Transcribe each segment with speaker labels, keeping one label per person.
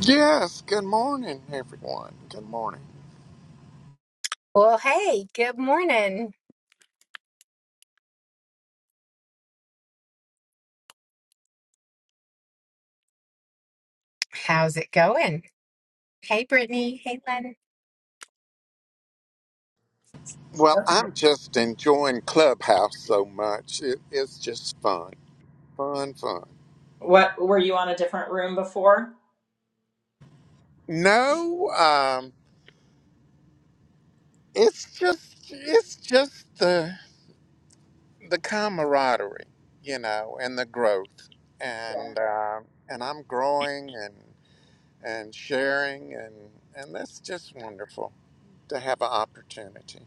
Speaker 1: Yes, good morning, everyone. Good morning.
Speaker 2: Well, hey, good morning. How's it going? Hey, Brittany. Hey, Len.
Speaker 1: Well,
Speaker 3: Yep.
Speaker 1: I'm just enjoying Clubhouse so much. It, it's just fun, fun, fun.
Speaker 3: What were you on a different room before?
Speaker 1: No, um, it's just it's just the the camaraderie, you know, and the growth,
Speaker 3: Yeah.
Speaker 1: and um and I'm growing and and sharing, and and that's just wonderful to have an opportunity.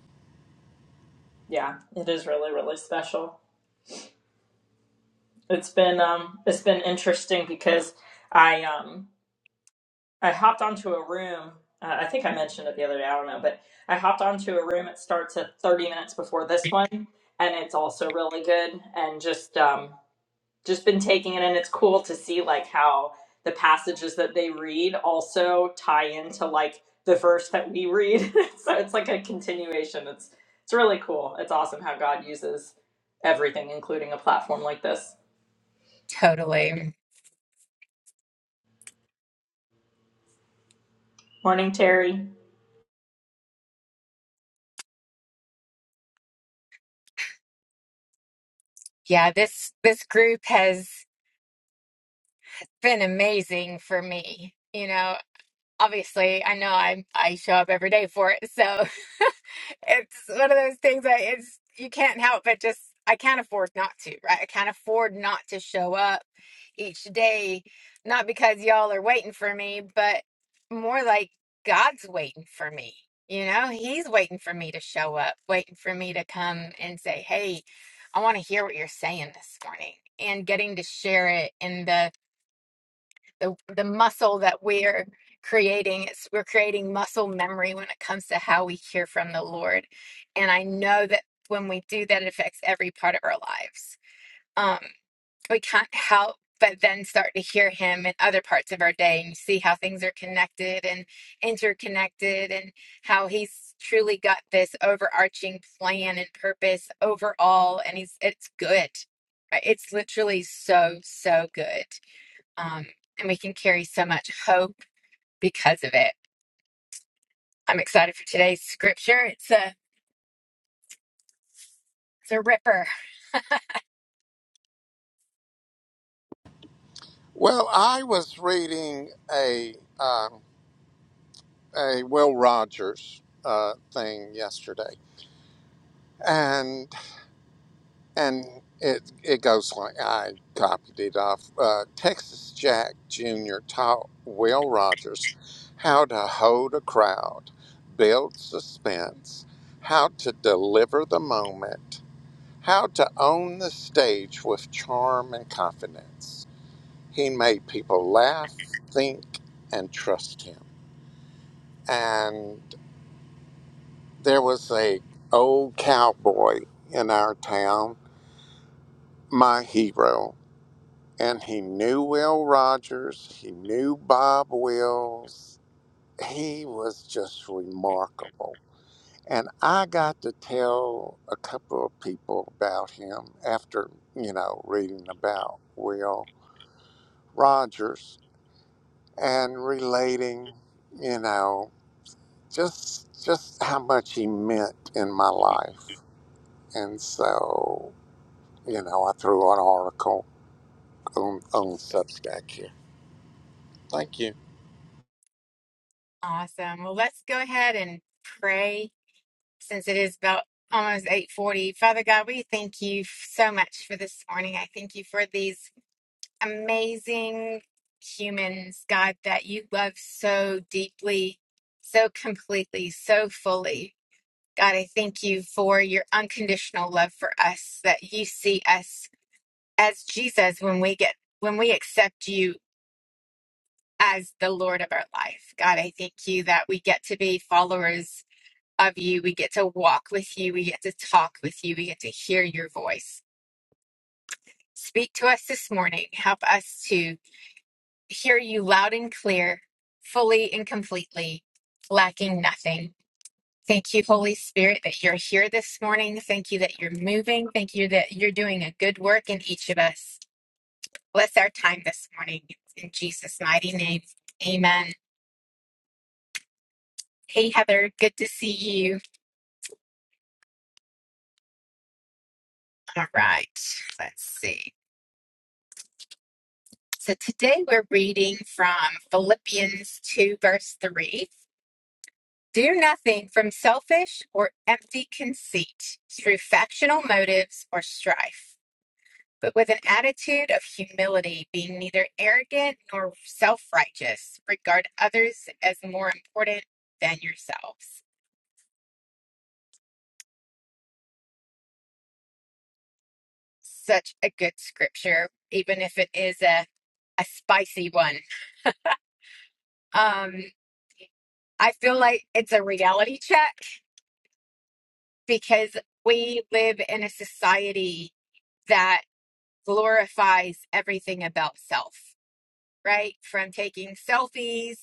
Speaker 3: Yeah, it is really really special. It's been um it's been interesting because I um I hopped onto a room. Uh, I think I mentioned it the other day. I don't know, but I hopped onto a room. It starts at 30 minutes before this one, and it's also really good. And just um just been taking it and it's cool to see like how the passages that they read also tie into like the verse that we read so it's like a continuation it's it's really cool it's awesome how god uses everything including a platform like this
Speaker 2: Totally.
Speaker 3: morning terry
Speaker 2: Yeah, this this group has been amazing for me. You know, obviously i know i i show up every day for it so it's one of those things that it's you can't help but just i can't afford not to right i can't afford not to show up each day not because y'all are waiting for me but more like god's waiting for me you know he's waiting for me to show up waiting for me to come and say hey i want to hear what you're saying this morning and getting to share it in the the the muscle that we're creating it's we're creating muscle memory when it comes to how we hear from the lord and i know that when we do that it affects every part of our lives um we can't help but then start to hear him in other parts of our day and you see how things are connected and interconnected and how he's truly got this overarching plan and purpose overall and he's it's good Right? it's literally so so good um, and we can carry so much hope because of it. I'm excited for today's scripture. It's a it's a ripper.
Speaker 1: Well, I was reading a. Um, a Will Rogers uh, thing yesterday, and and it it goes like I copied it off uh, Texas Jack Jr. taught Will Rogers how to hold a crowd, build suspense, how to deliver the moment, how to own the stage with charm and confidence. He made people laugh, think, and trust him, and There was a old cowboy in our town, my hero, and he knew Will Rogers, he knew Bob Wills. He was just remarkable. And I got to tell a couple of people about him after, you know, reading about Will Rogers and relating, you know, just just how much he meant in my life. And so You know, I threw an article on, on Substack here. Thank you.
Speaker 2: Awesome. Well, let's go ahead and pray since it is about almost 8:40. Father God, we thank you f- so much for this morning. I thank you for these amazing humans, God, that you love so deeply, so completely, so fully. God, I thank you for your unconditional love for us, that you see us as Jesus when we get when we accept you as the Lord of our life. God, I thank you that we get to be followers of you. We get to walk with you. We get to talk with you. We get to hear your voice. Speak to us this morning. Help us to hear you loud and clear, fully and completely, lacking nothing. Thank you, Holy Spirit, that you're here this morning. Thank you that you're moving. Thank you that you're doing a good work in each of us. Bless our time this morning. It's In Jesus' mighty name, amen. Hey, Heather, good to see you. All right, let's see. So today we're reading from Philippians 2, verse 3. Do nothing from selfish or empty conceit, through factional motives or strife, but with an attitude of humility, being neither arrogant nor self righteous. Regard others as more important than yourselves. such a good scripture, even if it is a a spicy one. Um, I feel like it's a reality check because we live in a society that glorifies everything about self. right? From taking selfies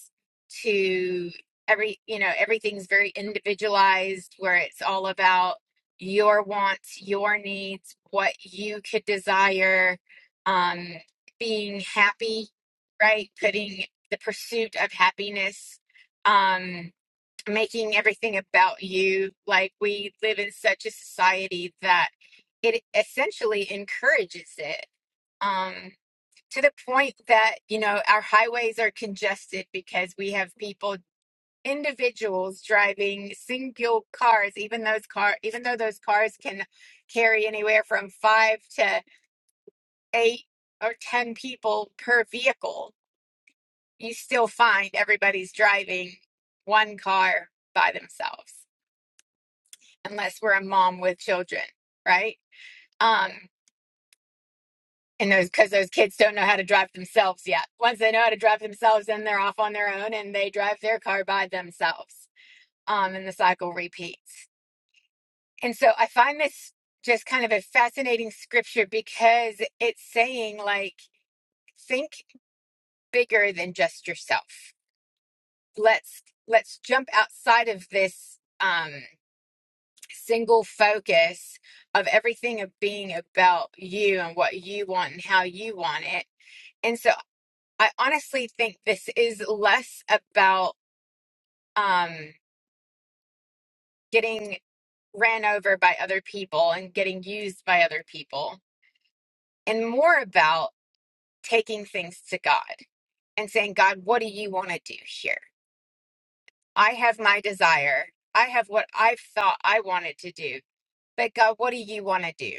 Speaker 2: to every, you know, everything's very individualized where it's all about your wants, your needs, what you could desire, um, being happy, right? Putting the pursuit of happiness, um, making everything about you. Like we live in such a society that it essentially encourages it. Um, to the point that you know our highways are congested because we have people individuals driving single cars even those car even though those cars can carry anywhere from 5 to 8 or 10 people per vehicle you still find everybody's driving one car by themselves unless we're a mom with children right Um. and those because those kids don't know how to drive themselves yet. Once they know how to drive themselves, then they're off on their own and they drive their car by themselves. Um, and the cycle repeats. And so I find this just kind of a fascinating scripture because it's saying like think bigger than just yourself. Let's let's jump outside of this um single focus of everything of being about you and what you want and how you want it And so. I honestly think this is less about um, getting ran over by other people and getting used by other people, and more about taking things to God and saying, God, what do you want to do here? I have my desire. I have what I thought I wanted to do. But God, what do you want to do?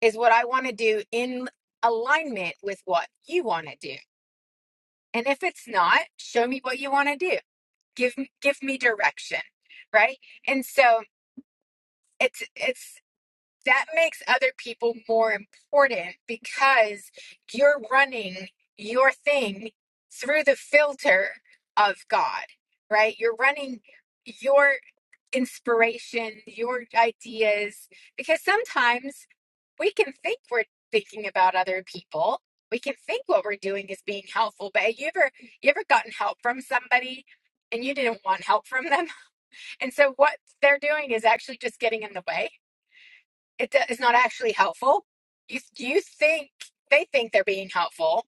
Speaker 2: Is what I want to do in alignment with what you want to do? And if it's not, show me what you want to do give give me direction right and so it's it's that makes other people more important because you're running your thing through the filter of god right you're running your inspiration your ideas because sometimes we can think we're thinking about other people we can think what we're doing is being helpful but have you ever you ever gotten help from somebody and you didn't want help from them and so what they're doing is actually just getting in the way. It do- It's not actually helpful. You you think they think they're being helpful,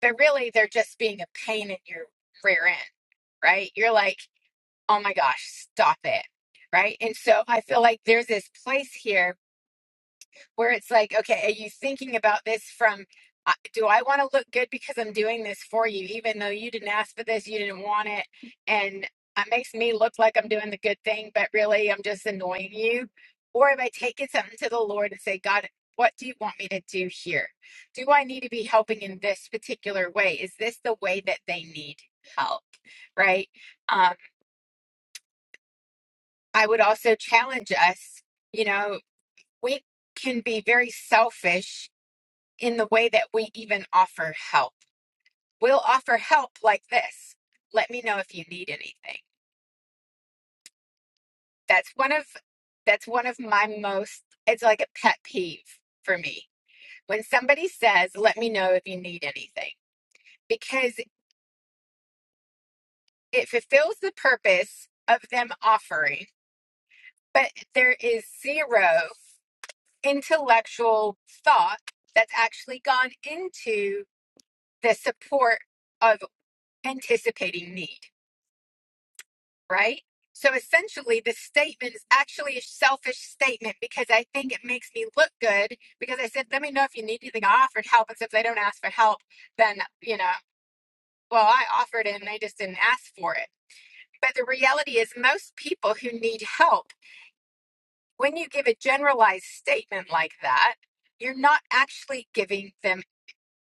Speaker 2: but really they're just being a pain in your rear end, right? You're like, oh my gosh, stop it, right? And so I feel like there's this place here where it's like, okay, are you thinking about this from, uh, do I want to look good because I'm doing this for you, even though you didn't ask for this, you didn't want it, and it makes me look like I'm doing the good thing, but really I'm just annoying you? Or have I taken something to the Lord and say, God, what do you want me to do here? Do I need to be helping in this particular way? Is this the way that they need help? Right? Um, I would also challenge us, you know, we can be very selfish in the way that we even offer help. We'll offer help like this. Let me know if you need anything. That's one of that's one of my most it's like a pet peeve for me. When somebody says, "Let me know if you need anything," because it fulfills the purpose of them offering, but there is zero intellectual thought that's actually gone into the support of anticipating need right? So essentially, this statement is actually a selfish statement because I think it makes me look good. Because I said, let me know if you need anything. I offered help. And so if they don't ask for help, then, you know, well, I offered it and they just didn't ask for it. But the reality is, most people who need help, when you give a generalized statement like that, you're not actually giving them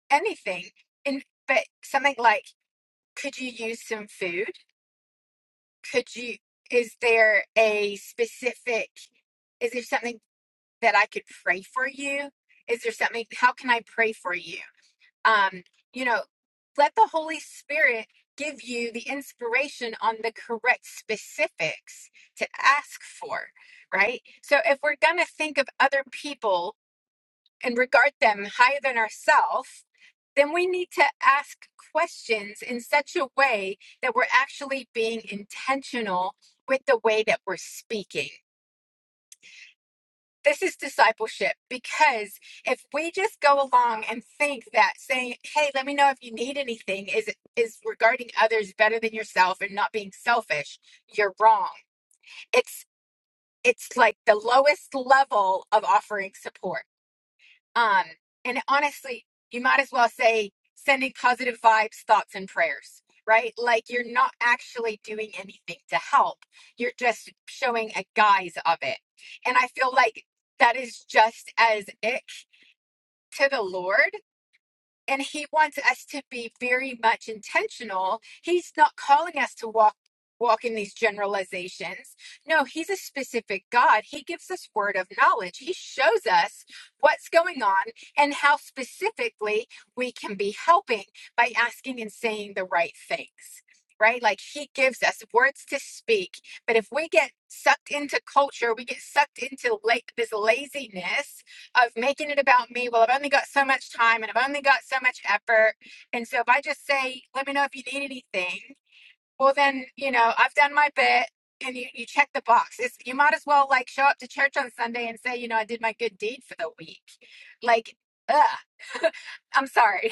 Speaker 2: anything. In but something like, could you use some food? could you is there a specific is there something that i could pray for you is there something how can i pray for you um you know let the holy spirit give you the inspiration on the correct specifics to ask for right so if we're going to think of other people and regard them higher than ourselves, then we need to ask questions in such a way that we're actually being intentional with the way that we're speaking. This is discipleship because if we just go along and think that saying, "Hey, let me know if you need anything," is is regarding others better than yourself and not being selfish, you're wrong. It's it's like the lowest level of offering support Um, and honestly, you might as well say sending positive vibes, thoughts, and prayers, right? Like you're not actually doing anything to help. You're just showing a guise of it. And I feel like that is just as ick to the Lord and he wants us to be very much intentional he's not calling us to walk walk in these generalizations no he's a specific god he gives us word of knowledge he shows us what's going on and how specifically we can be helping by asking and saying the right things right like he gives us words to speak but if we get sucked into culture we get sucked into like this laziness of making it about me. Well, I've only got so much time and I've only got so much effort. And so if I just say, let me know if you need anything, well, then, you know, I've done my bit and you, you check the box. It's, you might as well like show up to church on Sunday and say, you know, I did my good deed for the week. Like, ugh, I'm sorry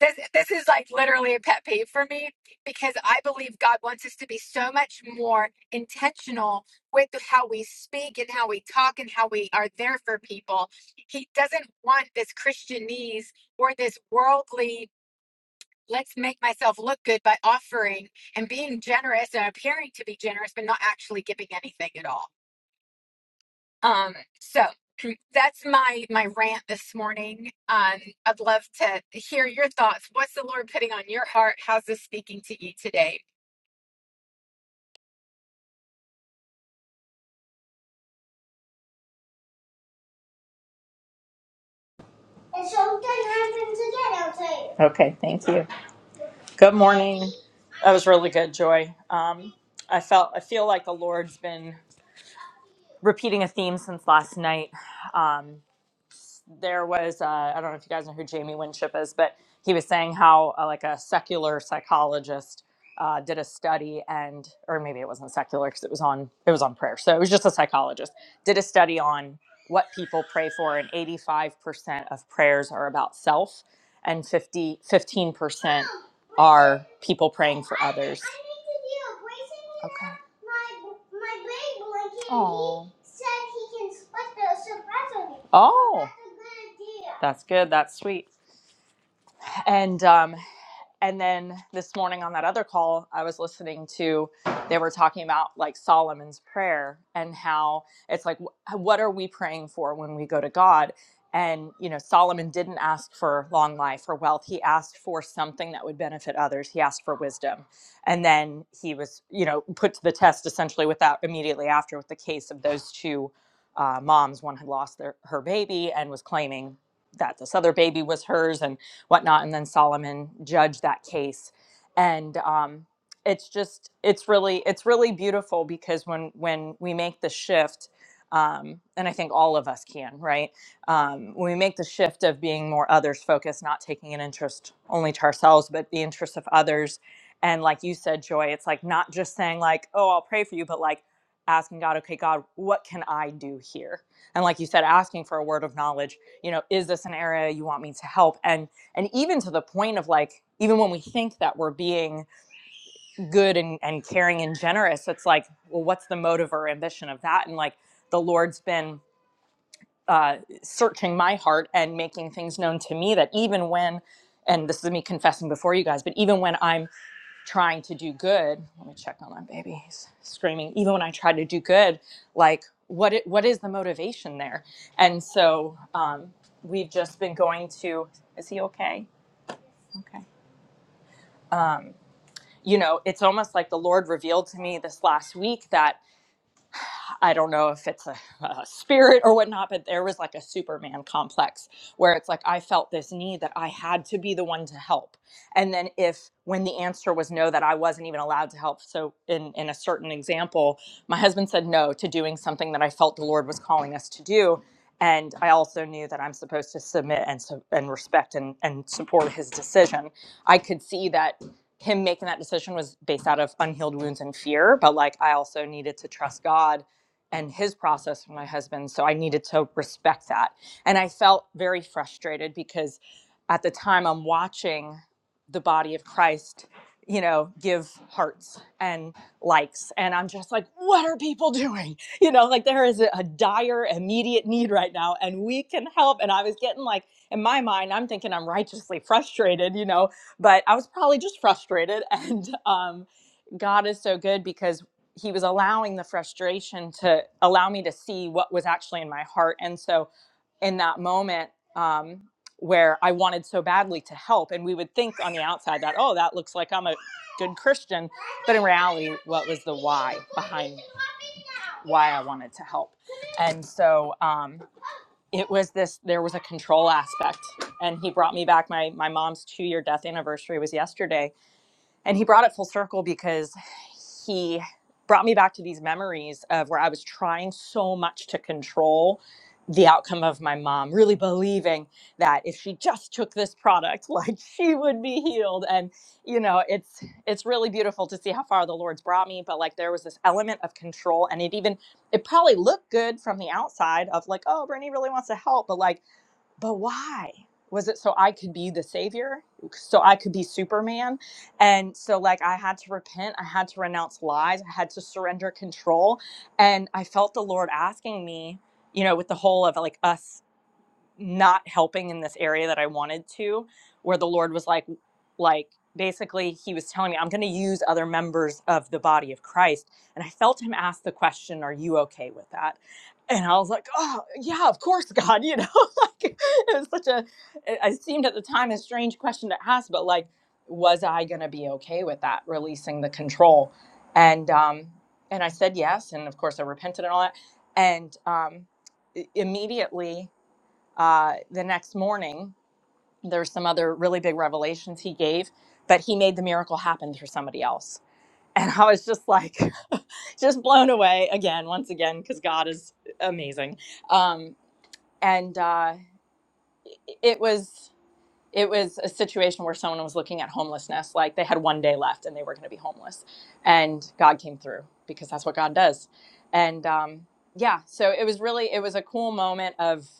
Speaker 2: this this is like literally a pet peeve for me because I believe God wants us to be so much more intentional with how we speak and how we talk and how we are there for people. He doesn't want this Christianese or this worldly let's make myself look good by offering and being generous and appearing to be generous but not actually giving anything at all. Um, so that's my my rant this morning. Um, I'd love to hear your thoughts. What's the Lord putting on your heart? How's this speaking to you today?
Speaker 3: and something happens again i okay thank you good morning that was really good joy um i felt i feel like the lord's been repeating a theme since last night Um, this, there was uh, I don't know if you guys know who Jamie Winship is, but he was saying how uh, like a secular psychologist uh, did a study and or maybe it wasn't secular because it was on it was on prayer, so it was just a psychologist did a study on what people pray for, and 85% of prayers are about self, and fifty-fifteen percent are people praying for others. Okay. My my big boy Oh. said he can split the surprise on me. Oh, That's a good idea. that's good. That's sweet. And um, and then this morning on that other call i was listening to they were talking about like solomon's prayer and how it's like what are we praying for when we go to god and you know solomon didn't ask for long life or wealth he asked for something that would benefit others he asked for wisdom and then he was you know put to the test essentially with that immediately after with the case of those two uh, moms one had lost their her baby and was claiming that this other baby was hers and whatnot. And then Solomon judged that case. And um, it's just, it's really, it's really beautiful because when, when we make the shift, um, and I think all of us can, right? Um, when we make the shift of being more others focused, not taking an interest only to ourselves, but the interests of others. And like you said, Joy, it's like not just saying, like, oh, I'll pray for you, but like asking God, okay, God, what can I do here? And like you said, asking for a word of knowledge, you know, is this an area you want me to help? And and even to the point of like even when we think that we're being good and, and caring and generous it's like well what's the motive or ambition of that and like the lord's been uh, searching my heart and making things known to me that even when and this is me confessing before you guys but even when i'm trying to do good let me check on that baby he's screaming even when i try to do good like what it, what is the motivation there and so um, we've just been going to is he okay okay Um, you know, it's almost like the Lord revealed to me this last week that I don't know if it's a, a spirit or whatnot, but there was like a Superman complex where it's like I felt this need that I had to be the one to help. And then if when the answer was no, that I wasn't even allowed to help. So in in a certain example, my husband said no to doing something that I felt the Lord was calling us to do. And I also knew that I'm supposed to submit and su- and respect and, and support his decision. I could see that him making that decision was based out of unhealed wounds and fear, but like I also needed to trust God and his process with my husband. So I needed to respect that. And I felt very frustrated because at the time I'm watching the body of Christ, you know, give hearts and likes. And I'm just like, what are people doing? You know, like there is a, a dire, immediate need right now, and we can help. And I was getting like, in my mind, I'm thinking I'm righteously frustrated, you know, but I was probably just frustrated. And um, God is so good because he was allowing the frustration to allow me to see what was actually in my heart. And so in that moment, um, where I wanted so badly to help, and we would think on the outside that, oh, that looks like I'm a good Christian. But in reality, what was the why behind why I wanted to help? And so um, it was this there was a control aspect. And he brought me back. My, my mom's two year death anniversary was yesterday and he brought it full circle because he brought me back to these memories of where I was trying so much to control the outcome of my mom, really believing that if she just took this product, like she would be healed. And you know, it's it's really beautiful to see how far the Lord's brought me, but like there was this element of control and it even it probably looked good from the outside of like, oh, Brittany really wants to help, but like but why was it so i could be the savior so i could be superman and so like i had to repent i had to renounce lies i had to surrender control and i felt the lord asking me you know with the whole of like us not helping in this area that I wanted to, where the Lord was like, like basically he was telling me, I'm going to use other members of the body of Christ. And I felt him ask the question, are you okay with that? And I was like, oh yeah, of course, God, you know, like it was such a, it it seemed at the time a strange question to ask, but like, was I going to be okay with that? Releasing the control. And, um, and I said yes. And of course I repented and all that. And, um, i- immediately uh, the next morning there's some other really big revelations he gave but he made the miracle happen through somebody else and i was just like just blown away again once again because god is amazing um, and uh, it was it was a situation where someone was looking at homelessness like they had one day left and they were going to be homeless and god came through because that's what god does and um, yeah so it was really it was a cool moment of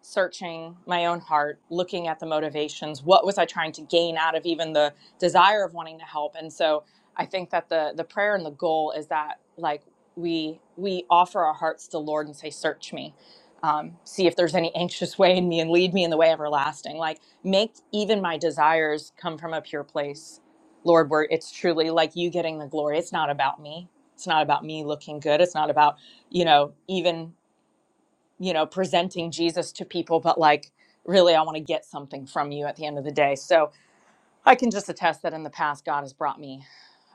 Speaker 3: searching my own heart, looking at the motivations. What was I trying to gain out of even the desire of wanting to help? And so I think that the the prayer and the goal is that like we we offer our hearts to Lord and say, "Search me." Um, see if there's any anxious way in me and lead me in the way everlasting. Like, make even my desires come from a pure place, Lord, where it's truly like you getting the glory. It's not about me. It's not about me looking good. It's not about, you know, even you know, presenting Jesus to people, but like, really, I want to get something from you at the end of the day. So I can just attest that in the past, God has brought me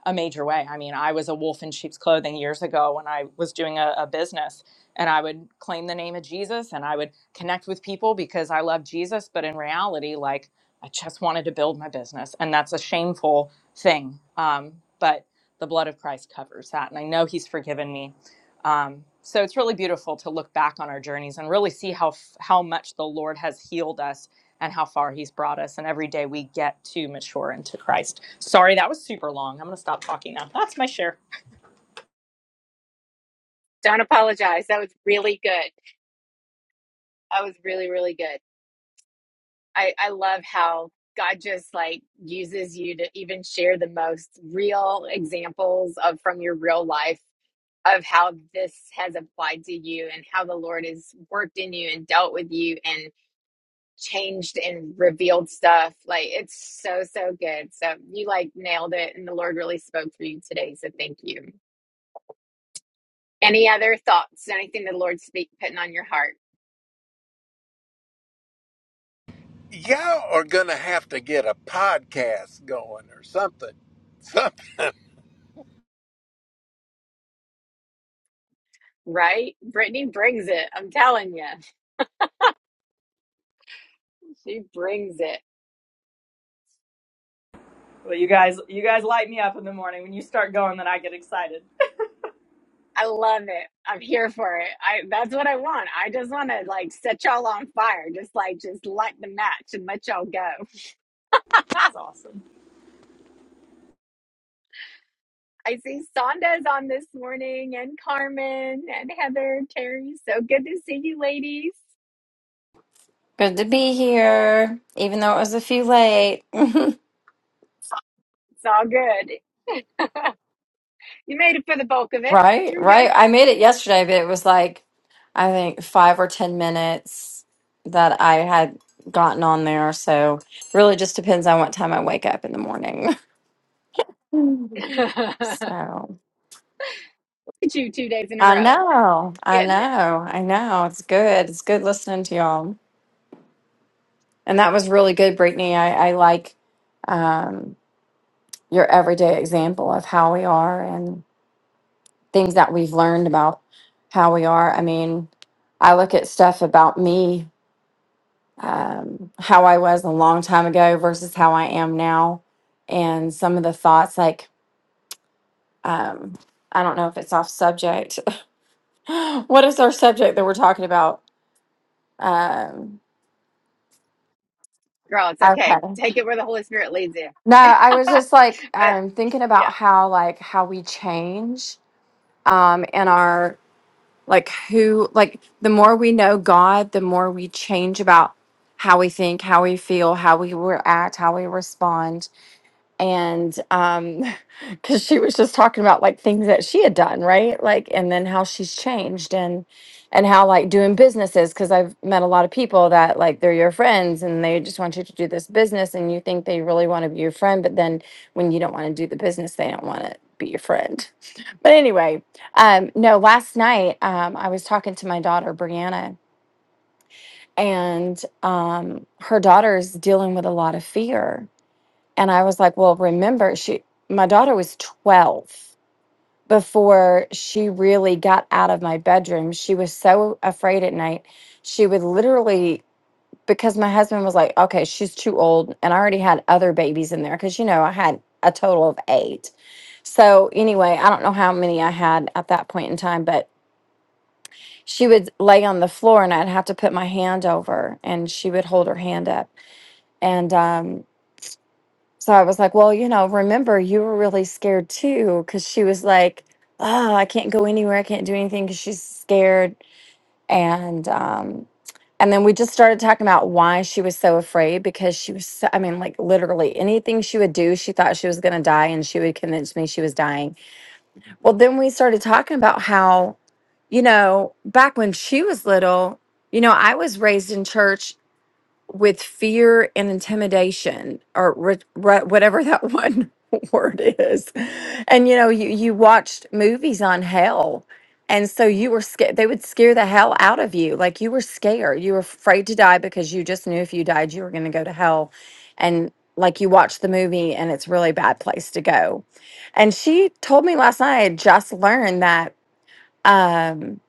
Speaker 3: a major way. I mean, I was a wolf in sheep's clothing years ago when I was doing a, a business, and I would claim the name of Jesus and I would connect with people because I love Jesus. But in reality, like, I just wanted to build my business, and that's a shameful thing. Um, but the blood of Christ covers that. And I know He's forgiven me um, so it's really beautiful to look back on our journeys and really see how how much the Lord has healed us and how far He's brought us. And every day we get to mature into Christ. Sorry, that was super long. I'm going to stop talking now. That's my share.
Speaker 2: Don't apologize. That was really good. That was really, really good. I, I love how God just like uses you to even share the most real examples of from your real life of how this has applied to you and how the Lord has worked in you and dealt with you and. changed and revealed stuff. Like it's so, so good. So you like nailed it and the Lord really spoke through you today. So thank you. Any other thoughts? Anything the Lord speak putting on
Speaker 1: Y'all are going to have to get a podcast going or something. Some,
Speaker 2: right? Brittany brings it. I'm telling you. She brings it.
Speaker 3: Well, you guys, you guys light me up in the morning when you start going. Then I get excited.
Speaker 2: I love it. I'm here for it. I that's what I want. I just want to like set y'all on fire. Just like just light the match and let y'all go.
Speaker 3: It's awesome.
Speaker 2: I see Sonda's on this morning and Carmen and Heather, Terry. So good to see you ladies.
Speaker 4: Good to be here, even though it was a few late.
Speaker 2: It's all good. You made it for the bulk of it.
Speaker 4: Right,
Speaker 2: You're
Speaker 4: right.
Speaker 2: good.
Speaker 4: I made it yesterday, but it was like, I think five or 10 minutes that I had gotten on there. So really just depends on what time I wake up in the morning.
Speaker 2: Look
Speaker 4: So
Speaker 2: at you two days in a
Speaker 4: I
Speaker 2: row
Speaker 4: know, I
Speaker 2: getting it.
Speaker 4: know, I know. It's good. It's good listening to y'all. And that was really good, Brittany. I, I like um, your everyday example of how we are. things that we've learned about how we are. I mean, I look at stuff about me, um, how I was a long time ago versus how I am now, and some of the thoughts like, um, I don't know if it's off subject. what is our subject that we're talking about? Um,
Speaker 2: Girl, it's okay.
Speaker 4: okay.
Speaker 2: Take it where the Holy Spirit leads you.
Speaker 4: No, I was just like
Speaker 2: but
Speaker 4: um, thinking about
Speaker 2: yeah,
Speaker 4: how like how we change um, in our like who like the more we know god the more we change about how we think how we feel how we react how we respond and um because she was just talking about like things that she had done right like and then how she's changed and and how like doing businesses because i've met a lot of people that like they're your friends and they just want you to do this business and you think they really want to be your friend but then when you don't want to do the business they don't want to be your friend but anyway um no last night um i was talking to my daughter brianna and um her daughter's dealing with a lot of fear and I was like, well, remember, she, my daughter was 12 before she really got out of my bedroom. She was so afraid at night. She would literally, because my husband was like, okay, she's too old. And I already had other babies in there because, you know, I had a total of eight. So anyway, I don't know how many I had at that point in time, but she would lay on the floor and I'd have to put my hand over and she would hold her hand up. And, um. So I was like, well, you know, remember you were really scared too, because she was like, oh, I can't go anywhere, I can't do anything because she's scared. And um, and then we just started talking about why she was so afraid because she was, so, I mean, like literally anything she would do, she thought she was gonna die, and she would convince me she was dying. Well, then we started talking about how you know, back when she was little, you know, I was raised in church with fear and intimidation or re- re- whatever that one word is and you know you, you watched movies on hell and so you were scared they would scare the hell out of you like you were scared you were afraid to die because you just knew if you died you were going to go to hell and like you watched the movie and it's a really bad place to go and she told me last night i had just learned that um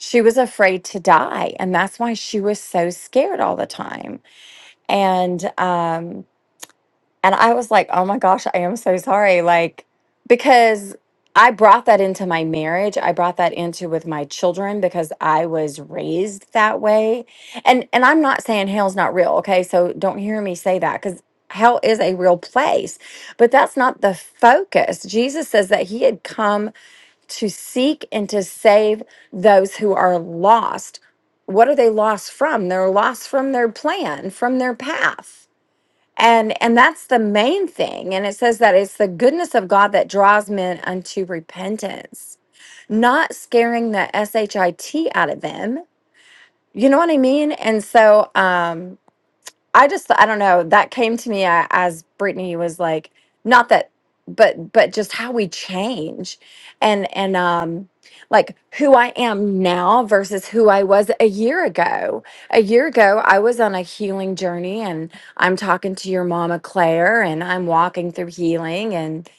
Speaker 4: she was afraid to die and that's why she was so scared all the time and um and i was like oh my gosh i am so sorry like because i brought that into my marriage i brought that into with my children because i was raised that way and and i'm not saying hell's not real okay so don't hear me say that because hell is a real place but that's not the focus jesus says that he had come to seek and to save those who are lost what are they lost from they're lost from their plan from their path and and that's the main thing and it says that it's the goodness of god that draws men unto repentance not scaring the shit out of them you know what i mean and so um I just I don't know that came to me a- as Brittany was like not that but but just how we change and and um like who I am now versus who I was a year ago. A year ago I was on a healing journey and I'm talking to your mama Claire and I'm walking through healing and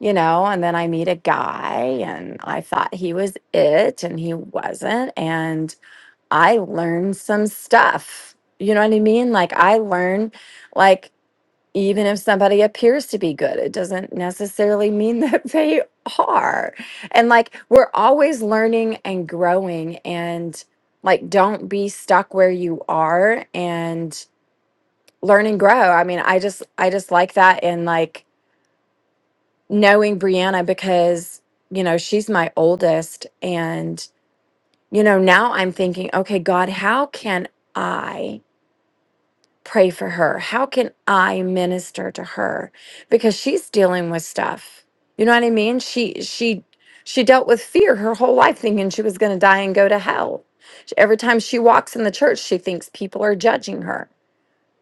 Speaker 4: you know and then I meet a guy and I thought he was it and he wasn't and. I learn some stuff. You know what I mean? Like I learn like even if somebody appears to be good, it doesn't necessarily mean that they are. And like we're always learning and growing and like don't be stuck where you are and learn and grow. I mean, I just I just like that and like knowing Brianna because you know, she's my oldest and you know, now I'm thinking, okay, God, how can I? pray for her? How can I minister to her? Because she's dealing with stuff. You know what I mean? She she she dealt with fear her whole life thinking she was going to die and go to hell. She- Every time she walks in the church, she thinks people are judging her,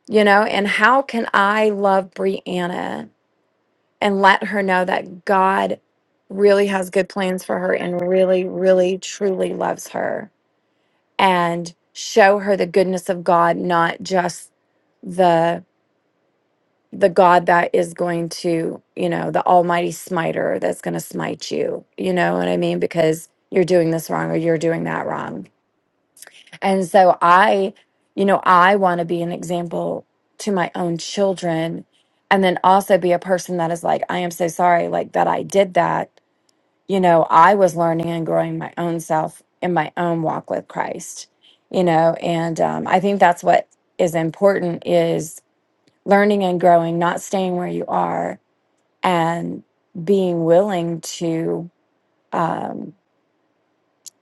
Speaker 4: you know? And how can I love Brianna and let her know that God really has good plans for her and really really truly loves her and show her the goodness of God, not just the the God that is going to, you know, the almighty smiter that's going to smite you. You know what I mean? Because you're doing this wrong or you're doing that wrong. And so I, you know, I want to be an example to my own children and then also be a person that is like, I am so sorry, like that I did that. You know, I was learning and growing my own self in my own walk with Christ, you know, and um, I think that's what is important is learning and growing, not staying where you are and being willing to um,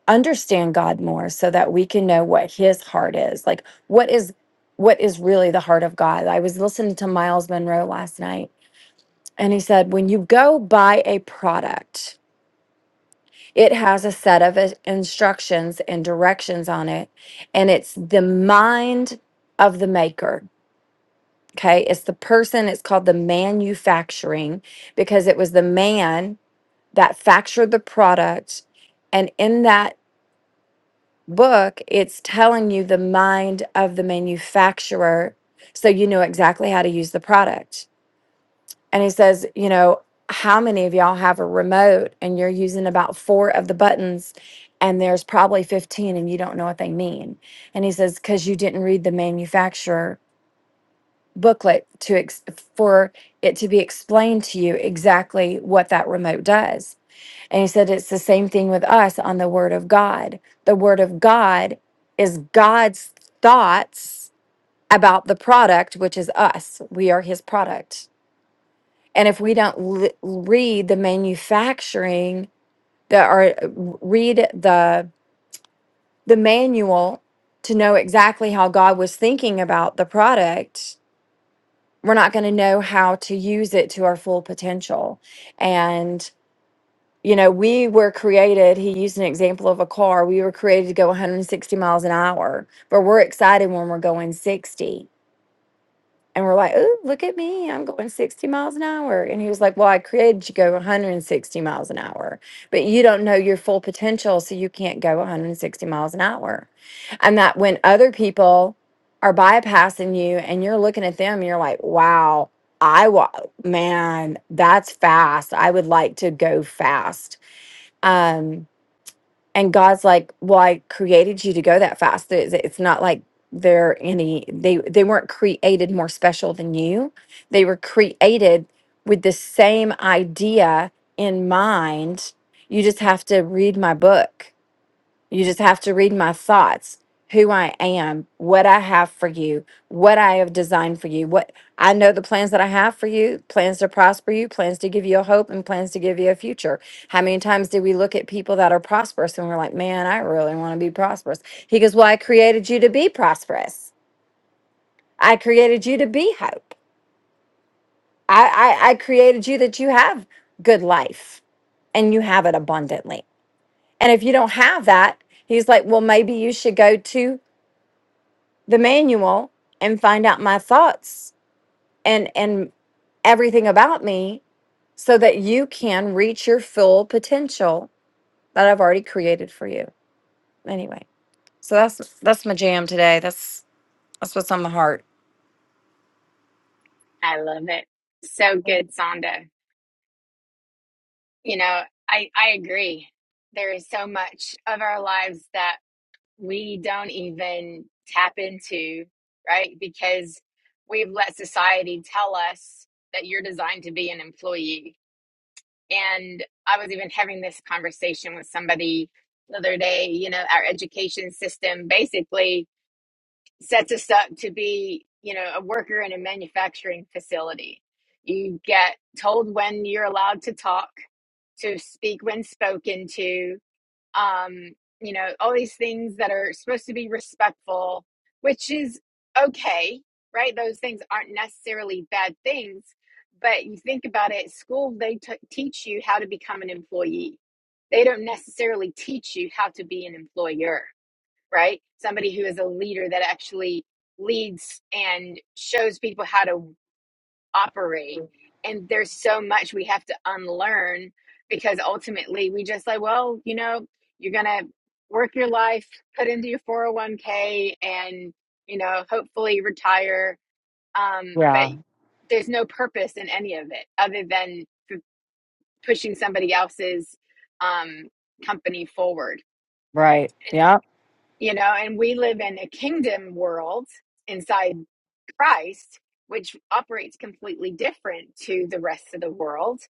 Speaker 4: understand God more so that we can know what his heart is like what is what is really the heart of God I was listening to Miles Monroe last night and he said when you go buy a product it has a set of uh, instructions and directions on it and it's the mind of the maker okay it's the person it's called the manufacturing because it was the man that factured the product. And in that book, it's telling you the mind of the manufacturer so you know exactly how to use the product. And he says, you know, how many of y'all have a remote and you're using about four of the buttons and there's probably 15 and you don't know what they mean? And he says, because you didn't read the manufacturer booklet to ex- for it to be explained to you exactly what that remote does And he said it's the same thing with us on the Word of God. The Word of God is God's thoughts about the product, which is us. We are His product. And if we don't li- read the manufacturing, the, or uh, read the the manual to know exactly how God was thinking about the product, we're not going to know how to use it to our full potential. And you know, we were created, he used an example of a car. We were created to go 160 miles an hour, but we're excited when we're going 60. And we're like, oh, look at me, I'm going 60 miles an hour. And he was like, well, I created you to go 160 miles an hour, but you don't know your full potential, so you can't go 160 miles an hour. And that when other people are bypassing you and you're looking at them, you're like, wow, I, wa- man, that's fast. I would like to go fast um, and God's like, well, I created you to go that fast. It's, it's not like they're any they they weren't created more special than you. They were created with the same idea in mind. You just have to read my book you just have to read my thoughts, who I am, what I have for you, what I have designed for you. What I know the plans that I have for you, plans to prosper you, plans to give you a hope and plans to give you a future. How many times do we look at people that are prosperous and we're like, "Man, I really want to be prosperous." He goes, "Well, I created you to be prosperous. I created you to be hope. I I, I created you that you have good life and you have it abundantly. And if you don't have that, he's like, "Well, maybe you should go to the manual and find out my thoughts and and everything about me so that you can reach your full potential that I've already created for you. Anyway, so that's that's my jam today. That's that's what's on my heart.
Speaker 2: I love it. So good, Sonda. You know, I, I agree. There is so much of our lives that we don't even tap into, right? Because we've let society tell us that you're designed to be an employee And I was even having this conversation with somebody the other day. You know, our education system basically sets us up to be, you know, a worker in a manufacturing facility. You get told when you're allowed to talk, to speak when spoken to um, you know, all these things that are supposed to be respectful, which is okay, right? Those things aren't necessarily bad things, but you think about it, school, they t- teach you how to become an employee. They don't necessarily teach you how to be an employer, right? Somebody who is a leader that actually leads and shows people how to operate. And there's so much we have to unlearn because ultimately we just like, well, you know, you're going to work your life, put into your 401k, and, you know, hopefully retire. Um, but
Speaker 4: Yeah,
Speaker 2: there's no purpose in any of it other than f- pushing somebody else's um, company forward.
Speaker 4: right.
Speaker 2: And,
Speaker 4: Yeah,
Speaker 2: you know, and we live in a kingdom world inside. Christ, which operates completely different to the rest of the world.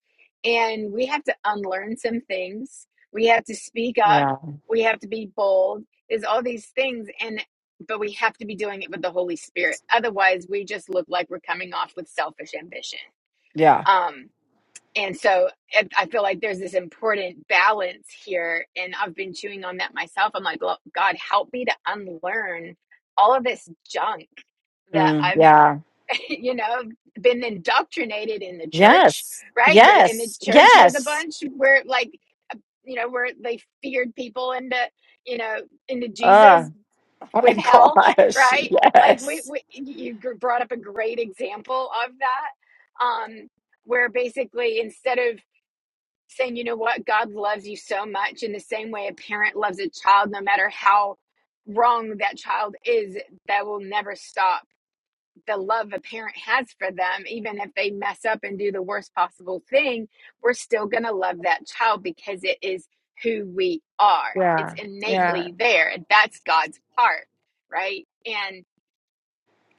Speaker 2: And we have to unlearn some things. We have to speak up.
Speaker 4: yeah,
Speaker 2: We have to be bold. There's all these things. And, but we have to be doing it with the Holy Spirit. Otherwise, we just look like we're coming off with selfish ambition.
Speaker 4: yeah.
Speaker 2: Um, and so I I feel like there's this important balance here. And I've been chewing on that myself. I'm like, "Lo- God, help me to unlearn all of this junk that
Speaker 4: Mm,
Speaker 2: I've
Speaker 4: yeah.
Speaker 2: you know, been indoctrinated in the church,
Speaker 4: Yes,
Speaker 2: right? The, in the
Speaker 4: yes,
Speaker 2: church, there's a
Speaker 4: yes.
Speaker 2: bunch where, like, you know, where they feared people into, you know, into
Speaker 4: Uh,
Speaker 2: Jesus with
Speaker 4: oh
Speaker 2: hell,
Speaker 4: my gosh.
Speaker 2: right? Like, we,
Speaker 4: Yes.
Speaker 2: we you brought up a great example of that, um, where basically instead of saying, you know what, God loves you so much in the same way a parent loves a child, no matter how wrong that child is, that will never stop the love a parent has for them, even if they mess up and do the worst possible thing, we're still going to love that child because it is who we are. It's
Speaker 4: Yeah, yeah.
Speaker 2: innately there. That's God's part, right? And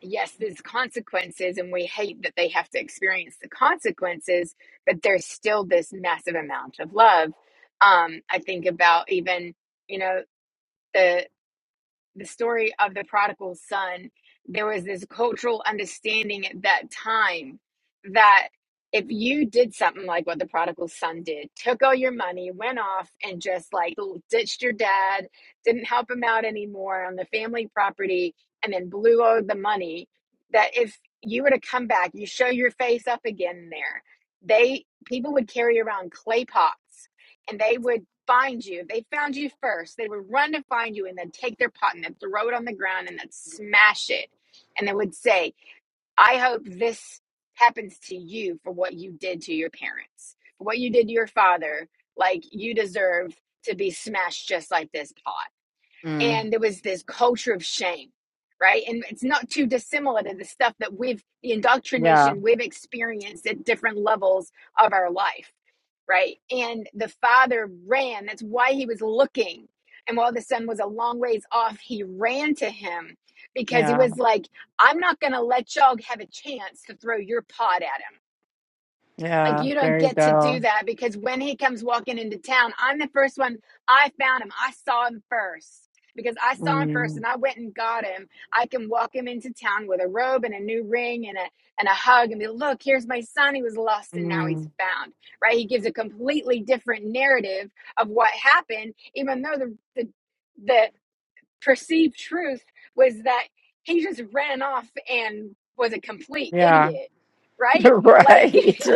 Speaker 2: yes, there's consequences, and we hate that they have to experience the consequences, but there's still this massive amount of love. Um, I think about even, you know, the the story of the prodigal son, there was this cultural understanding at that time that if you did something like what the prodigal son did, took all your money, went off and just like ditched your dad, didn't help him out anymore on the family property, and then blew all the money, that if you were to come back, you show your face up again there, they people would carry around clay pots and they would find you. They found you first. They would run to find you and then take their pot and then throw it on the ground and then smash it. And they would say, I hope this happens to you for what you did to your parents, for what you did to your father. Like you deserve to be smashed just like this pot
Speaker 4: Mm,
Speaker 2: and there was this culture of shame right and it's not too dissimilar to the stuff that we've the
Speaker 4: yeah,
Speaker 2: indoctrination we've experienced at different levels of our life right and the father ran that's why he was looking and while the son was a long ways off he ran to him because he
Speaker 4: yeah,
Speaker 2: was like i'm not going to let y'all have a chance to throw your pot at him like
Speaker 4: yeah.
Speaker 2: you don't
Speaker 4: There you
Speaker 2: get to do
Speaker 4: go.
Speaker 2: that because when he comes walking into town, I'm the first one. I found him. I saw him first because I saw him first
Speaker 4: Mm,
Speaker 2: and I went and got him. I can walk him into town with a robe and a new ring and a and a hug and be look, here's my son. He was lost and now he's
Speaker 4: mm,
Speaker 2: found. Right? He gives a completely different narrative of what happened, even though the the, the perceived truth was that he just ran off and was a complete
Speaker 4: yeah,
Speaker 2: idiot. Right? Like
Speaker 4: right.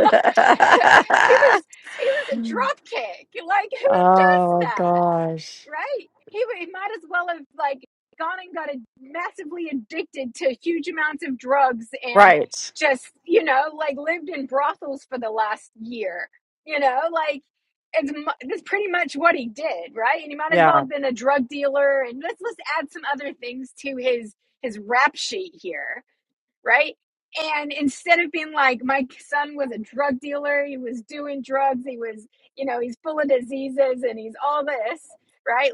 Speaker 2: he was he was a drop kick. Like who
Speaker 4: oh
Speaker 2: does that,
Speaker 4: gosh.
Speaker 2: right? He, he might as well have like gone and got a, massively addicted to huge amounts of drugs and
Speaker 4: Right.
Speaker 2: just you know like lived in brothels for the last year. You know, like it's mu- that's pretty much what he did, right? And he might as well
Speaker 4: Yeah.
Speaker 2: have been a drug dealer. And let's let's add some other things to his his rap sheet here right? And instead of being like, my son was a drug dealer, he was doing drugs, he was, you know, he's full of diseases and he's all this, right?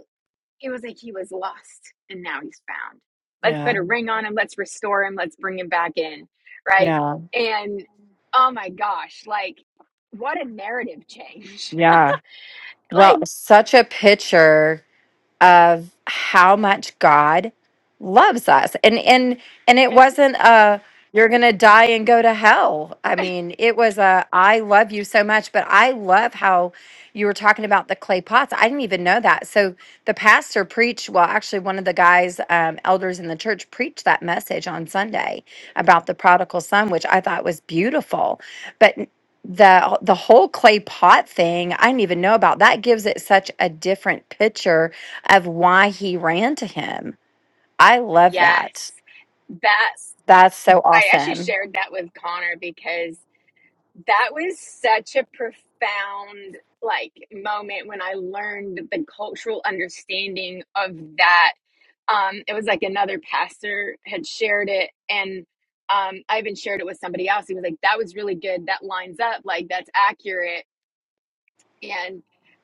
Speaker 2: It was like he was lost and now he's found. Let's put a
Speaker 4: Yeah.
Speaker 2: ring on him, let's restore him, let's bring him back in, right?
Speaker 4: Yeah.
Speaker 2: And oh my gosh, like, what a narrative change.
Speaker 4: Yeah. Well,
Speaker 2: like,
Speaker 4: such a picture. of how much God loves us. And and and it
Speaker 2: him,
Speaker 4: wasn't a you're going to die and go to hell. I mean, it was a I love you so much, but I love how you were talking about the clay pots. I didn't even know that. So the pastor preached, well, actually one of the guys um elders in the church preached that message on Sunday about the prodigal son, which I thought was beautiful. But the the whole clay pot thing, I didn't even know about. That gives it such a different picture of why he ran to him. I love
Speaker 2: yes,
Speaker 4: that.
Speaker 2: that
Speaker 4: That's so
Speaker 2: I actually
Speaker 4: awesome.
Speaker 2: shared that with Connor because that was such a profound like moment when I learned the cultural understanding of that. Um, it was like another pastor had shared it, and um, I even shared it with somebody else. He was like, "That was really good. That lines up. Like that's accurate." And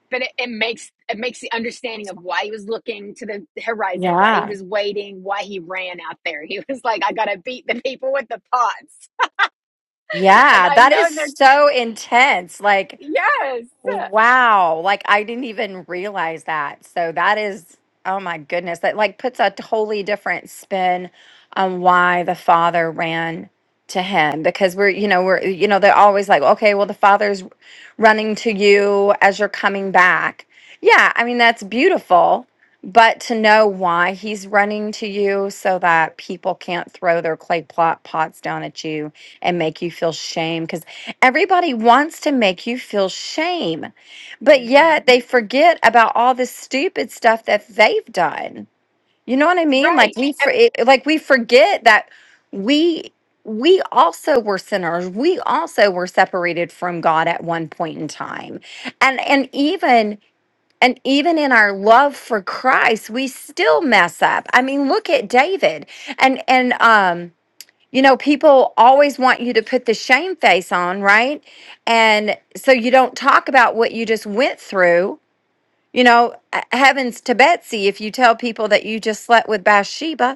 Speaker 2: but it, it makes it makes the understanding of why he was looking to the horizon, why he
Speaker 4: Yeah.
Speaker 2: was waiting, why he ran out there. He was like, "I gotta beat the people with the pots because
Speaker 4: Yeah.
Speaker 2: I
Speaker 4: That
Speaker 2: know
Speaker 4: is
Speaker 2: they're
Speaker 4: so intense. Like,
Speaker 2: yes."
Speaker 4: Wow. Like I didn't even realize that. So that is, oh my goodness, that like puts a totally different spin on why the father ran to him because we're, you know, we're, you know, they're always like, okay, well, the father's running to you as you're coming back. Yeah. I mean, that's beautiful. But to know why he's running to you so that people can't throw their clay plot pots down at you and make you feel shame Everybody wants to make you feel shame, but yet
Speaker 2: hmm
Speaker 4: they forget about all the stupid stuff that they've done. You know what I mean? Like
Speaker 2: Right.
Speaker 4: we
Speaker 2: Um.
Speaker 4: for,
Speaker 2: mean,
Speaker 4: it- like we forget that we we also were sinners. We also were separated from God at one point in time. And and even and even in our love for Christ, we still mess up. I mean, look at David. And and um you know, people always want you to put the shame face on, right? And so you don't talk about what you just went through. You know, uh, heavens to Betsy if you tell people that you just slept with Bathsheba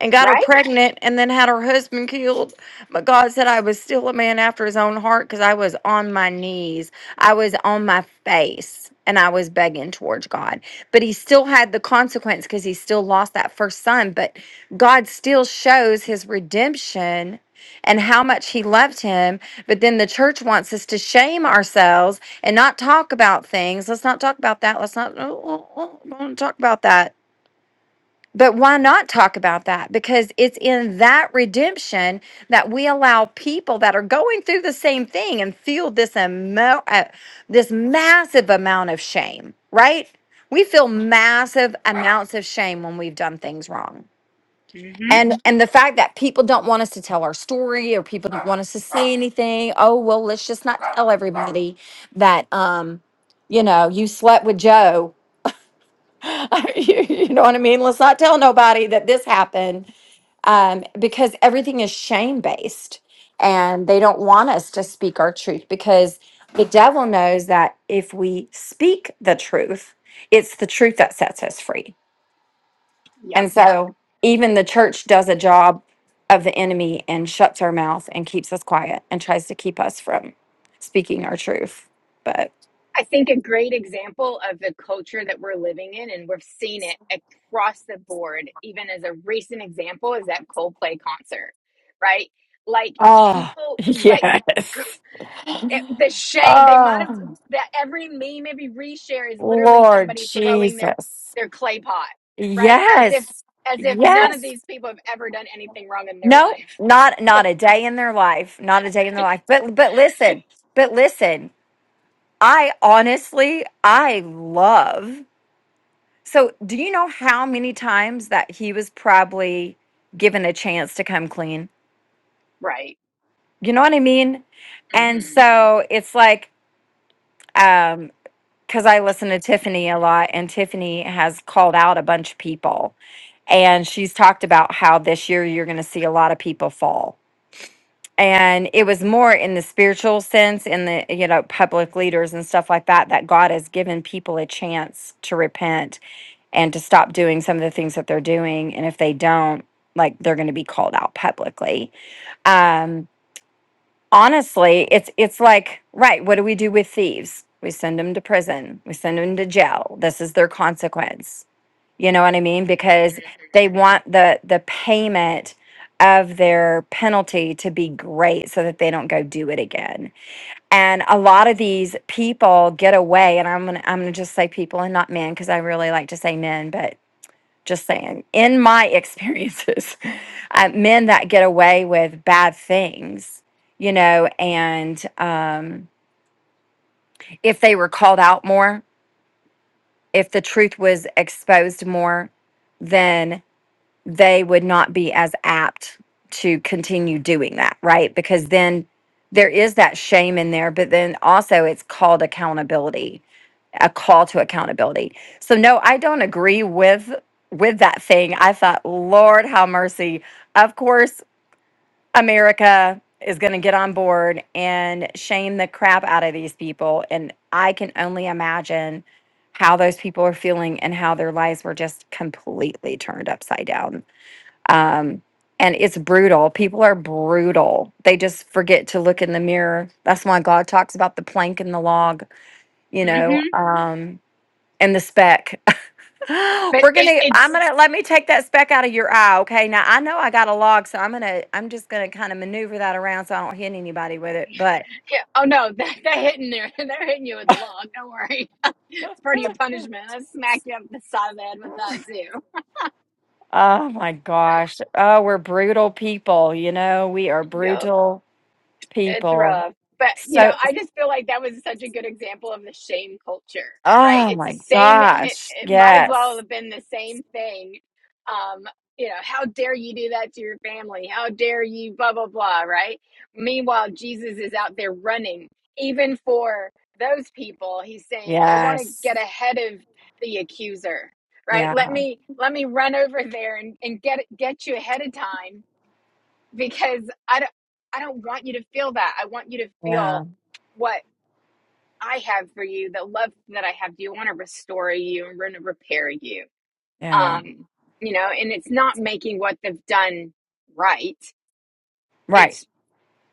Speaker 4: and got her
Speaker 2: right?
Speaker 4: pregnant and then had her husband killed. But God said I was still a man after his own heart because I was on my knees. I was on my face and I was begging towards God. But he still had the consequence because he still lost that first son. But God still shows his redemption and how much he loved him. But then the church wants us to shame ourselves and not talk about things. Let's not talk about that. Let's not, oh, oh, oh, don't talk about that but why not talk about that? Because it's in that redemption that we allow people that are going through the same thing and feel this emo- uh, this massive amount of shame, right? We feel massive amounts of shame when we've done things wrong.
Speaker 2: hmm
Speaker 4: And and the fact that people don't want us to tell our story or people don't want us to say anything, oh well, let's just not tell everybody that um you know, you slept with Joe. you, you know what I mean? Let's not tell nobody that this happened um, because everything is shame based and they don't want us to speak our truth because the devil knows that if we speak the truth, it's the truth that sets us free.
Speaker 2: Yep.
Speaker 4: And Yeah. so even the church does a job of the enemy and shuts our mouth and keeps us quiet and tries to keep us from speaking our truth. But
Speaker 2: I think a great example of the culture that we're living in, and we've seen it across the board, even as a recent example, is that Coldplay concert, right? Like
Speaker 4: Ah,
Speaker 2: people, like
Speaker 4: yes.
Speaker 2: the shame they might have
Speaker 4: Oh,
Speaker 2: that every meme, every reshare is literally
Speaker 4: Lord
Speaker 2: somebody throwing their
Speaker 4: Jesus.
Speaker 2: their clay pot, right? As if
Speaker 4: Yes.
Speaker 2: as if none of
Speaker 4: Yes.
Speaker 2: these people have ever done anything wrong in their
Speaker 4: No,
Speaker 2: life,
Speaker 4: not not a day in their life. Not a day in their life. But but listen, but listen, I honestly I love. So do you know how many times that he was probably given a chance to come clean?
Speaker 2: right?
Speaker 4: You know what I mean? And so it's like um because I listen to Tiffany a lot and Tiffany has called out a bunch of people and she's talked about how this year you're going to see a lot of people fall and it was more in the spiritual sense in the you know public leaders and stuff like that that god has given people a chance to repent and to stop doing some of the things that they're doing and if they don't like they're going to be called out publicly um honestly it's it's like right what do we do with thieves we send them to prison we send them to jail this is their consequence you know what I mean? Because they want the the payment of their penalty to be great so that they don't go do it again. And a lot of these people get away and I'm going to I'm going to just say people and not men because I really like to say men, but just saying in my experiences, uh, men that get away with bad things, you know, and um if they were called out more, if the truth was exposed more, then they would not be as apt to continue doing that, right? Because then there is that shame in there, but then also it's called accountability, a call to accountability. So no, I don't agree with with that thing. I thought, Lord have mercy. Of course, America is going to get on board and shame the crap out of these people and I can only imagine how those people are feeling and how their lives were just completely turned upside down um, and it's brutal. People are brutal. They just forget to look in the mirror. That's why God talks about the plank and the log, you
Speaker 2: hmm hmm
Speaker 4: know, um, and the speck.
Speaker 2: But
Speaker 4: We're
Speaker 2: it,
Speaker 4: gonna, I'm
Speaker 2: it's
Speaker 4: gonna, let me take that speck out of your eye, okay? Now I know I got a log, so I'm gonna, I'm just gonna kind of maneuver that around so I don't hit anybody with it. But
Speaker 2: yeah, oh no, that, they're hitting there. They're hitting you with the log. Don't worry, it's part of your punishment. I smack you up the side of the head with that too.
Speaker 4: oh my gosh. Oh, we're brutal people, you know, we are
Speaker 2: Yep.
Speaker 4: brutal
Speaker 2: It's
Speaker 4: people.
Speaker 2: rough. But, you know,
Speaker 4: So,
Speaker 2: I just feel like that was such a good example of the shame culture, right?
Speaker 4: oh
Speaker 2: It's the
Speaker 4: my
Speaker 2: same, it,
Speaker 4: gosh.
Speaker 2: it might as
Speaker 4: Yes.
Speaker 2: well have been the same thing. Um, you know, how dare you do that to your family? How dare you, blah, blah, blah, right? Meanwhile, Jesus is out there running. Even for those people, he's saying, I want to
Speaker 4: Yes.
Speaker 2: get ahead of the accuser right
Speaker 4: Yeah.
Speaker 2: let me let me run over there and, and get get you ahead of time because I don't, I don't want you to feel that. I want you to
Speaker 4: Yeah.
Speaker 2: feel what I have for you, the love that I have. Do you want to restore you and want to repair you?
Speaker 4: Yeah.
Speaker 2: Um, you know, and it's not making what they've done right.
Speaker 4: Right.
Speaker 2: It's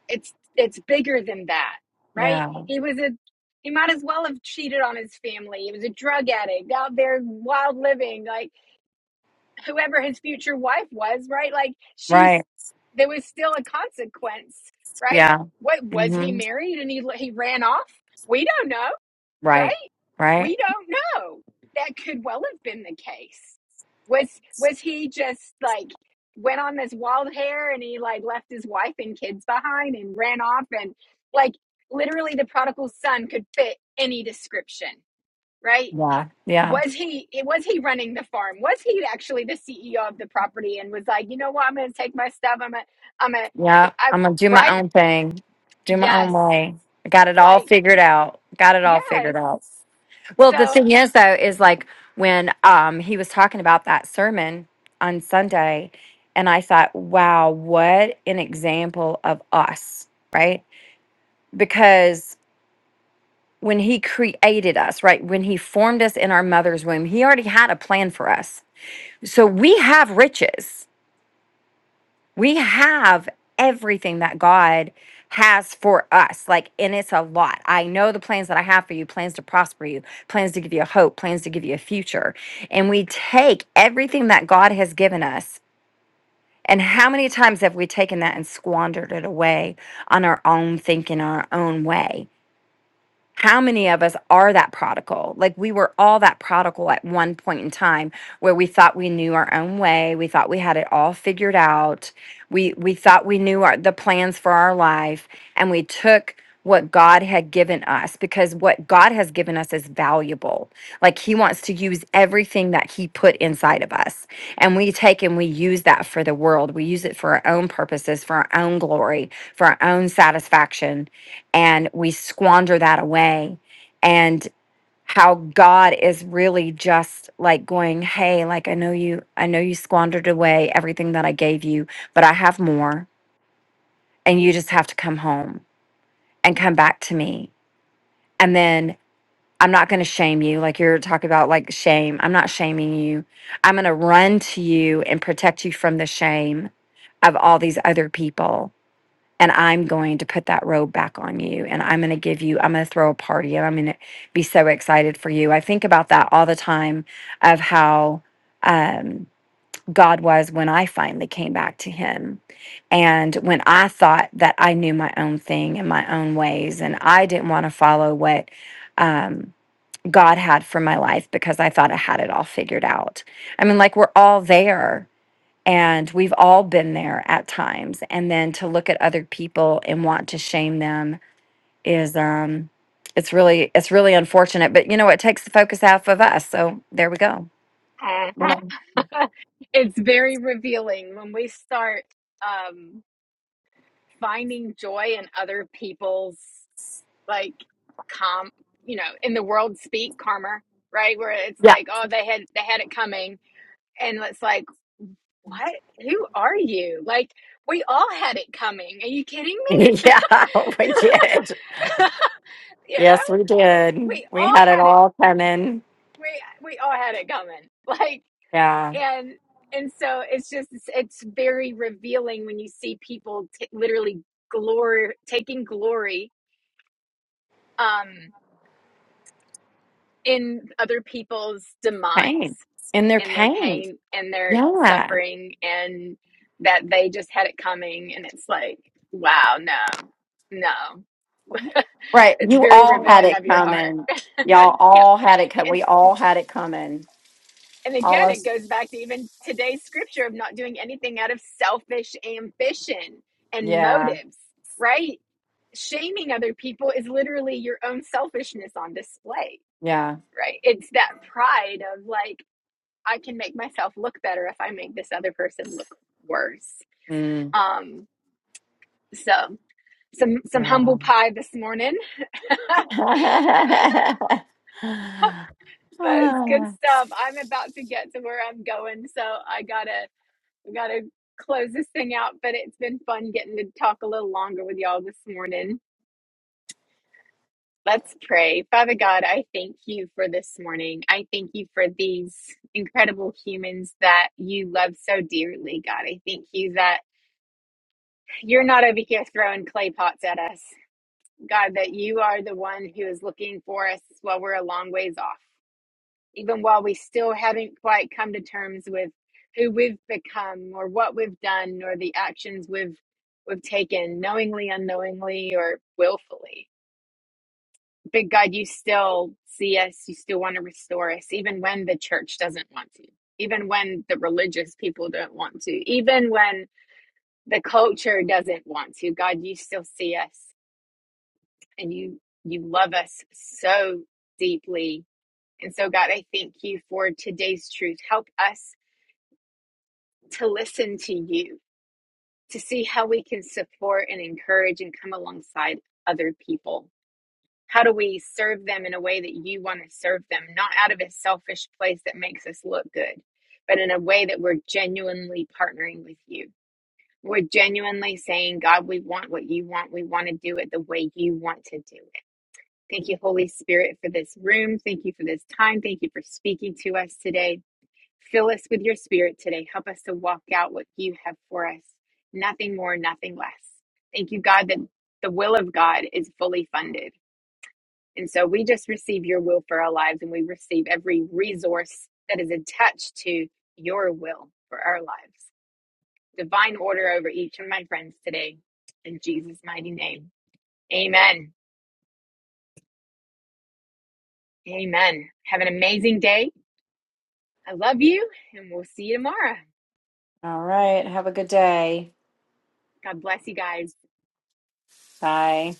Speaker 2: it's it's bigger than that, right?
Speaker 4: Yeah.
Speaker 2: He was a he might as well have cheated on his family. He was a drug addict out there, wild living. Like whoever his future wife was, right? Like she's
Speaker 4: Right.
Speaker 2: there was still a consequence, right?
Speaker 4: Yeah.
Speaker 2: What was he
Speaker 4: hmm
Speaker 2: married and he he ran off? We don't know,
Speaker 4: Right.
Speaker 2: right?
Speaker 4: Right.
Speaker 2: We don't know. That could well have been the case. Was was he just like went on this wild hair and he like left his wife and kids behind and ran off and like literally the prodigal son could fit any description, right?
Speaker 4: Yeah. Yeah.
Speaker 2: was he was he running the farm was he actually the ceo of the property and was like you know what i'm gonna take my stuff i'm a i'm a
Speaker 4: Yeah.
Speaker 2: I,
Speaker 4: I'm going to do my
Speaker 2: right
Speaker 4: own thing, do my own
Speaker 2: yes
Speaker 4: way. I got it all
Speaker 2: like
Speaker 4: figured out. Got it all
Speaker 2: yes
Speaker 4: figured out. Well,
Speaker 2: so
Speaker 4: the thing is, though, is like when um, he was talking about that sermon on Sunday, and I thought, wow, what an example of us, right? Because when he created us, right? When he formed us in our mother's womb, he already had a plan for us. So we have riches. We have everything that God has for us. Like, and it's a lot. I know the plans that I have for you, plans to prosper you, plans to give you a hope, plans to give you a future. And we take everything that God has given us. And how many times have we taken that and squandered it away on our own thinking, our own way? how many of us are that prodigal? Like we were all that prodigal at one point in time where we thought we knew our own way, we thought we had it all figured out. We we thought we knew our the plans for our life and we took what God had given us because what God has given us is valuable. Like he wants to use everything that he put inside of us. And we take and we use that for the world. We use it for our own purposes, for our own glory, for our own satisfaction and we squander that away and how god is really just like going hey like i know you i know you squandered away everything that i gave you but i have more and you just have to come home and come back to me and then i'm not going to shame you like you're talking about like shame i'm not shaming you i'm going to run to you and protect you from the shame of all these other people and I'm going to put that robe back on you and I'm going to give you I'm going to throw a party and I'm going to be so excited for you. I think about that all the time of how um God was when I finally came back to him. And when I thought that I knew my own thing and my own ways and I didn't want to follow what um God had for my life because I thought I had it all figured out. I mean like we're all there and we've all been there at times. And then to look at other people and want to shame them is um it's really it's really unfortunate. But you know, it takes the focus off of us. So there we go.
Speaker 2: uh-huh.
Speaker 4: Well,
Speaker 2: it's very revealing when we start um finding joy in other people's like calm you know in the world speak karma right where it's
Speaker 4: yeah.
Speaker 2: like oh they had they had it coming and it's like what? Who are you? Like, we all had it coming. Are you kidding me?
Speaker 4: yeah, we did.
Speaker 2: You know,
Speaker 4: Yes, we did.
Speaker 2: we
Speaker 4: We
Speaker 2: all
Speaker 4: had it
Speaker 2: had it.
Speaker 4: all coming.
Speaker 2: We we all had it coming. Like,
Speaker 4: Yeah.
Speaker 2: and and so it's just it's, it's very revealing when you see people t- literally glory taking glory um in other people's demise
Speaker 4: Pain. In their
Speaker 2: and their
Speaker 4: pain.
Speaker 2: pain and their
Speaker 4: Yeah.
Speaker 2: suffering and that they just had it coming and it's like wow no no
Speaker 4: Right.
Speaker 2: it's
Speaker 4: You
Speaker 2: very
Speaker 4: all had
Speaker 2: revealing
Speaker 4: it
Speaker 2: of your heart.
Speaker 4: coming. Y'all
Speaker 2: yeah.
Speaker 4: all had it coming.
Speaker 2: And
Speaker 4: We all had it coming.
Speaker 2: and
Speaker 4: All
Speaker 2: again, it
Speaker 4: us.
Speaker 2: goes back to even today's scripture of not doing anything out of selfish ambition and
Speaker 4: Yeah.
Speaker 2: motives, right? Shaming other people is literally your own selfishness on display,
Speaker 4: Yeah.
Speaker 2: right? It's that pride of like, I can make myself look better if I make this other person look worse.
Speaker 4: Mm.
Speaker 2: Um, so some some humble
Speaker 4: Um,
Speaker 2: pie this morning. That's good stuff. I'm about to get to where I'm going, so I gotta I gotta close this thing out. But it's been fun getting to talk a little longer with y'all this morning. Let's pray. Father God, I thank you for this morning. I thank you for these incredible humans that you love so dearly, God. I thank you that you're not over here throwing clay pots at us. God, that you are the one who is looking for us while we're a long ways off. even while we still haven't quite come to terms with who we've become or what we've done or the actions we've we've taken knowingly unknowingly or willfully big god you still see us you still want to restore us even when the church doesn't want to even when the religious people don't want to even when the culture doesn't want to god you still see us and you you love us so deeply and so god i thank you for today's truth help us to listen to you, to see how we can support and encourage and come alongside other people. How do we serve them in a way that you want to serve them, not out of a selfish place that makes us look good, but in a way that we're genuinely partnering with you? We're genuinely saying, God, we want what you want. We want to do it the way you want to do it. Thank you, Holy Spirit, for this room. Thank you for this time. Thank you for speaking to us today. Fill us with your spirit today. Help us to walk out what you have for us. Nothing more, nothing less. Thank you, God, that the will of God is fully funded. And so we just receive your will for our lives and we receive every resource that is attached to your will for our lives. Divine order over each of my friends today. In Jesus' mighty name. Amen. Amen. Have an amazing day. I love you and we'll see you tomorrow.
Speaker 4: All right. Have a good day.
Speaker 2: God bless you guys.
Speaker 4: Bye.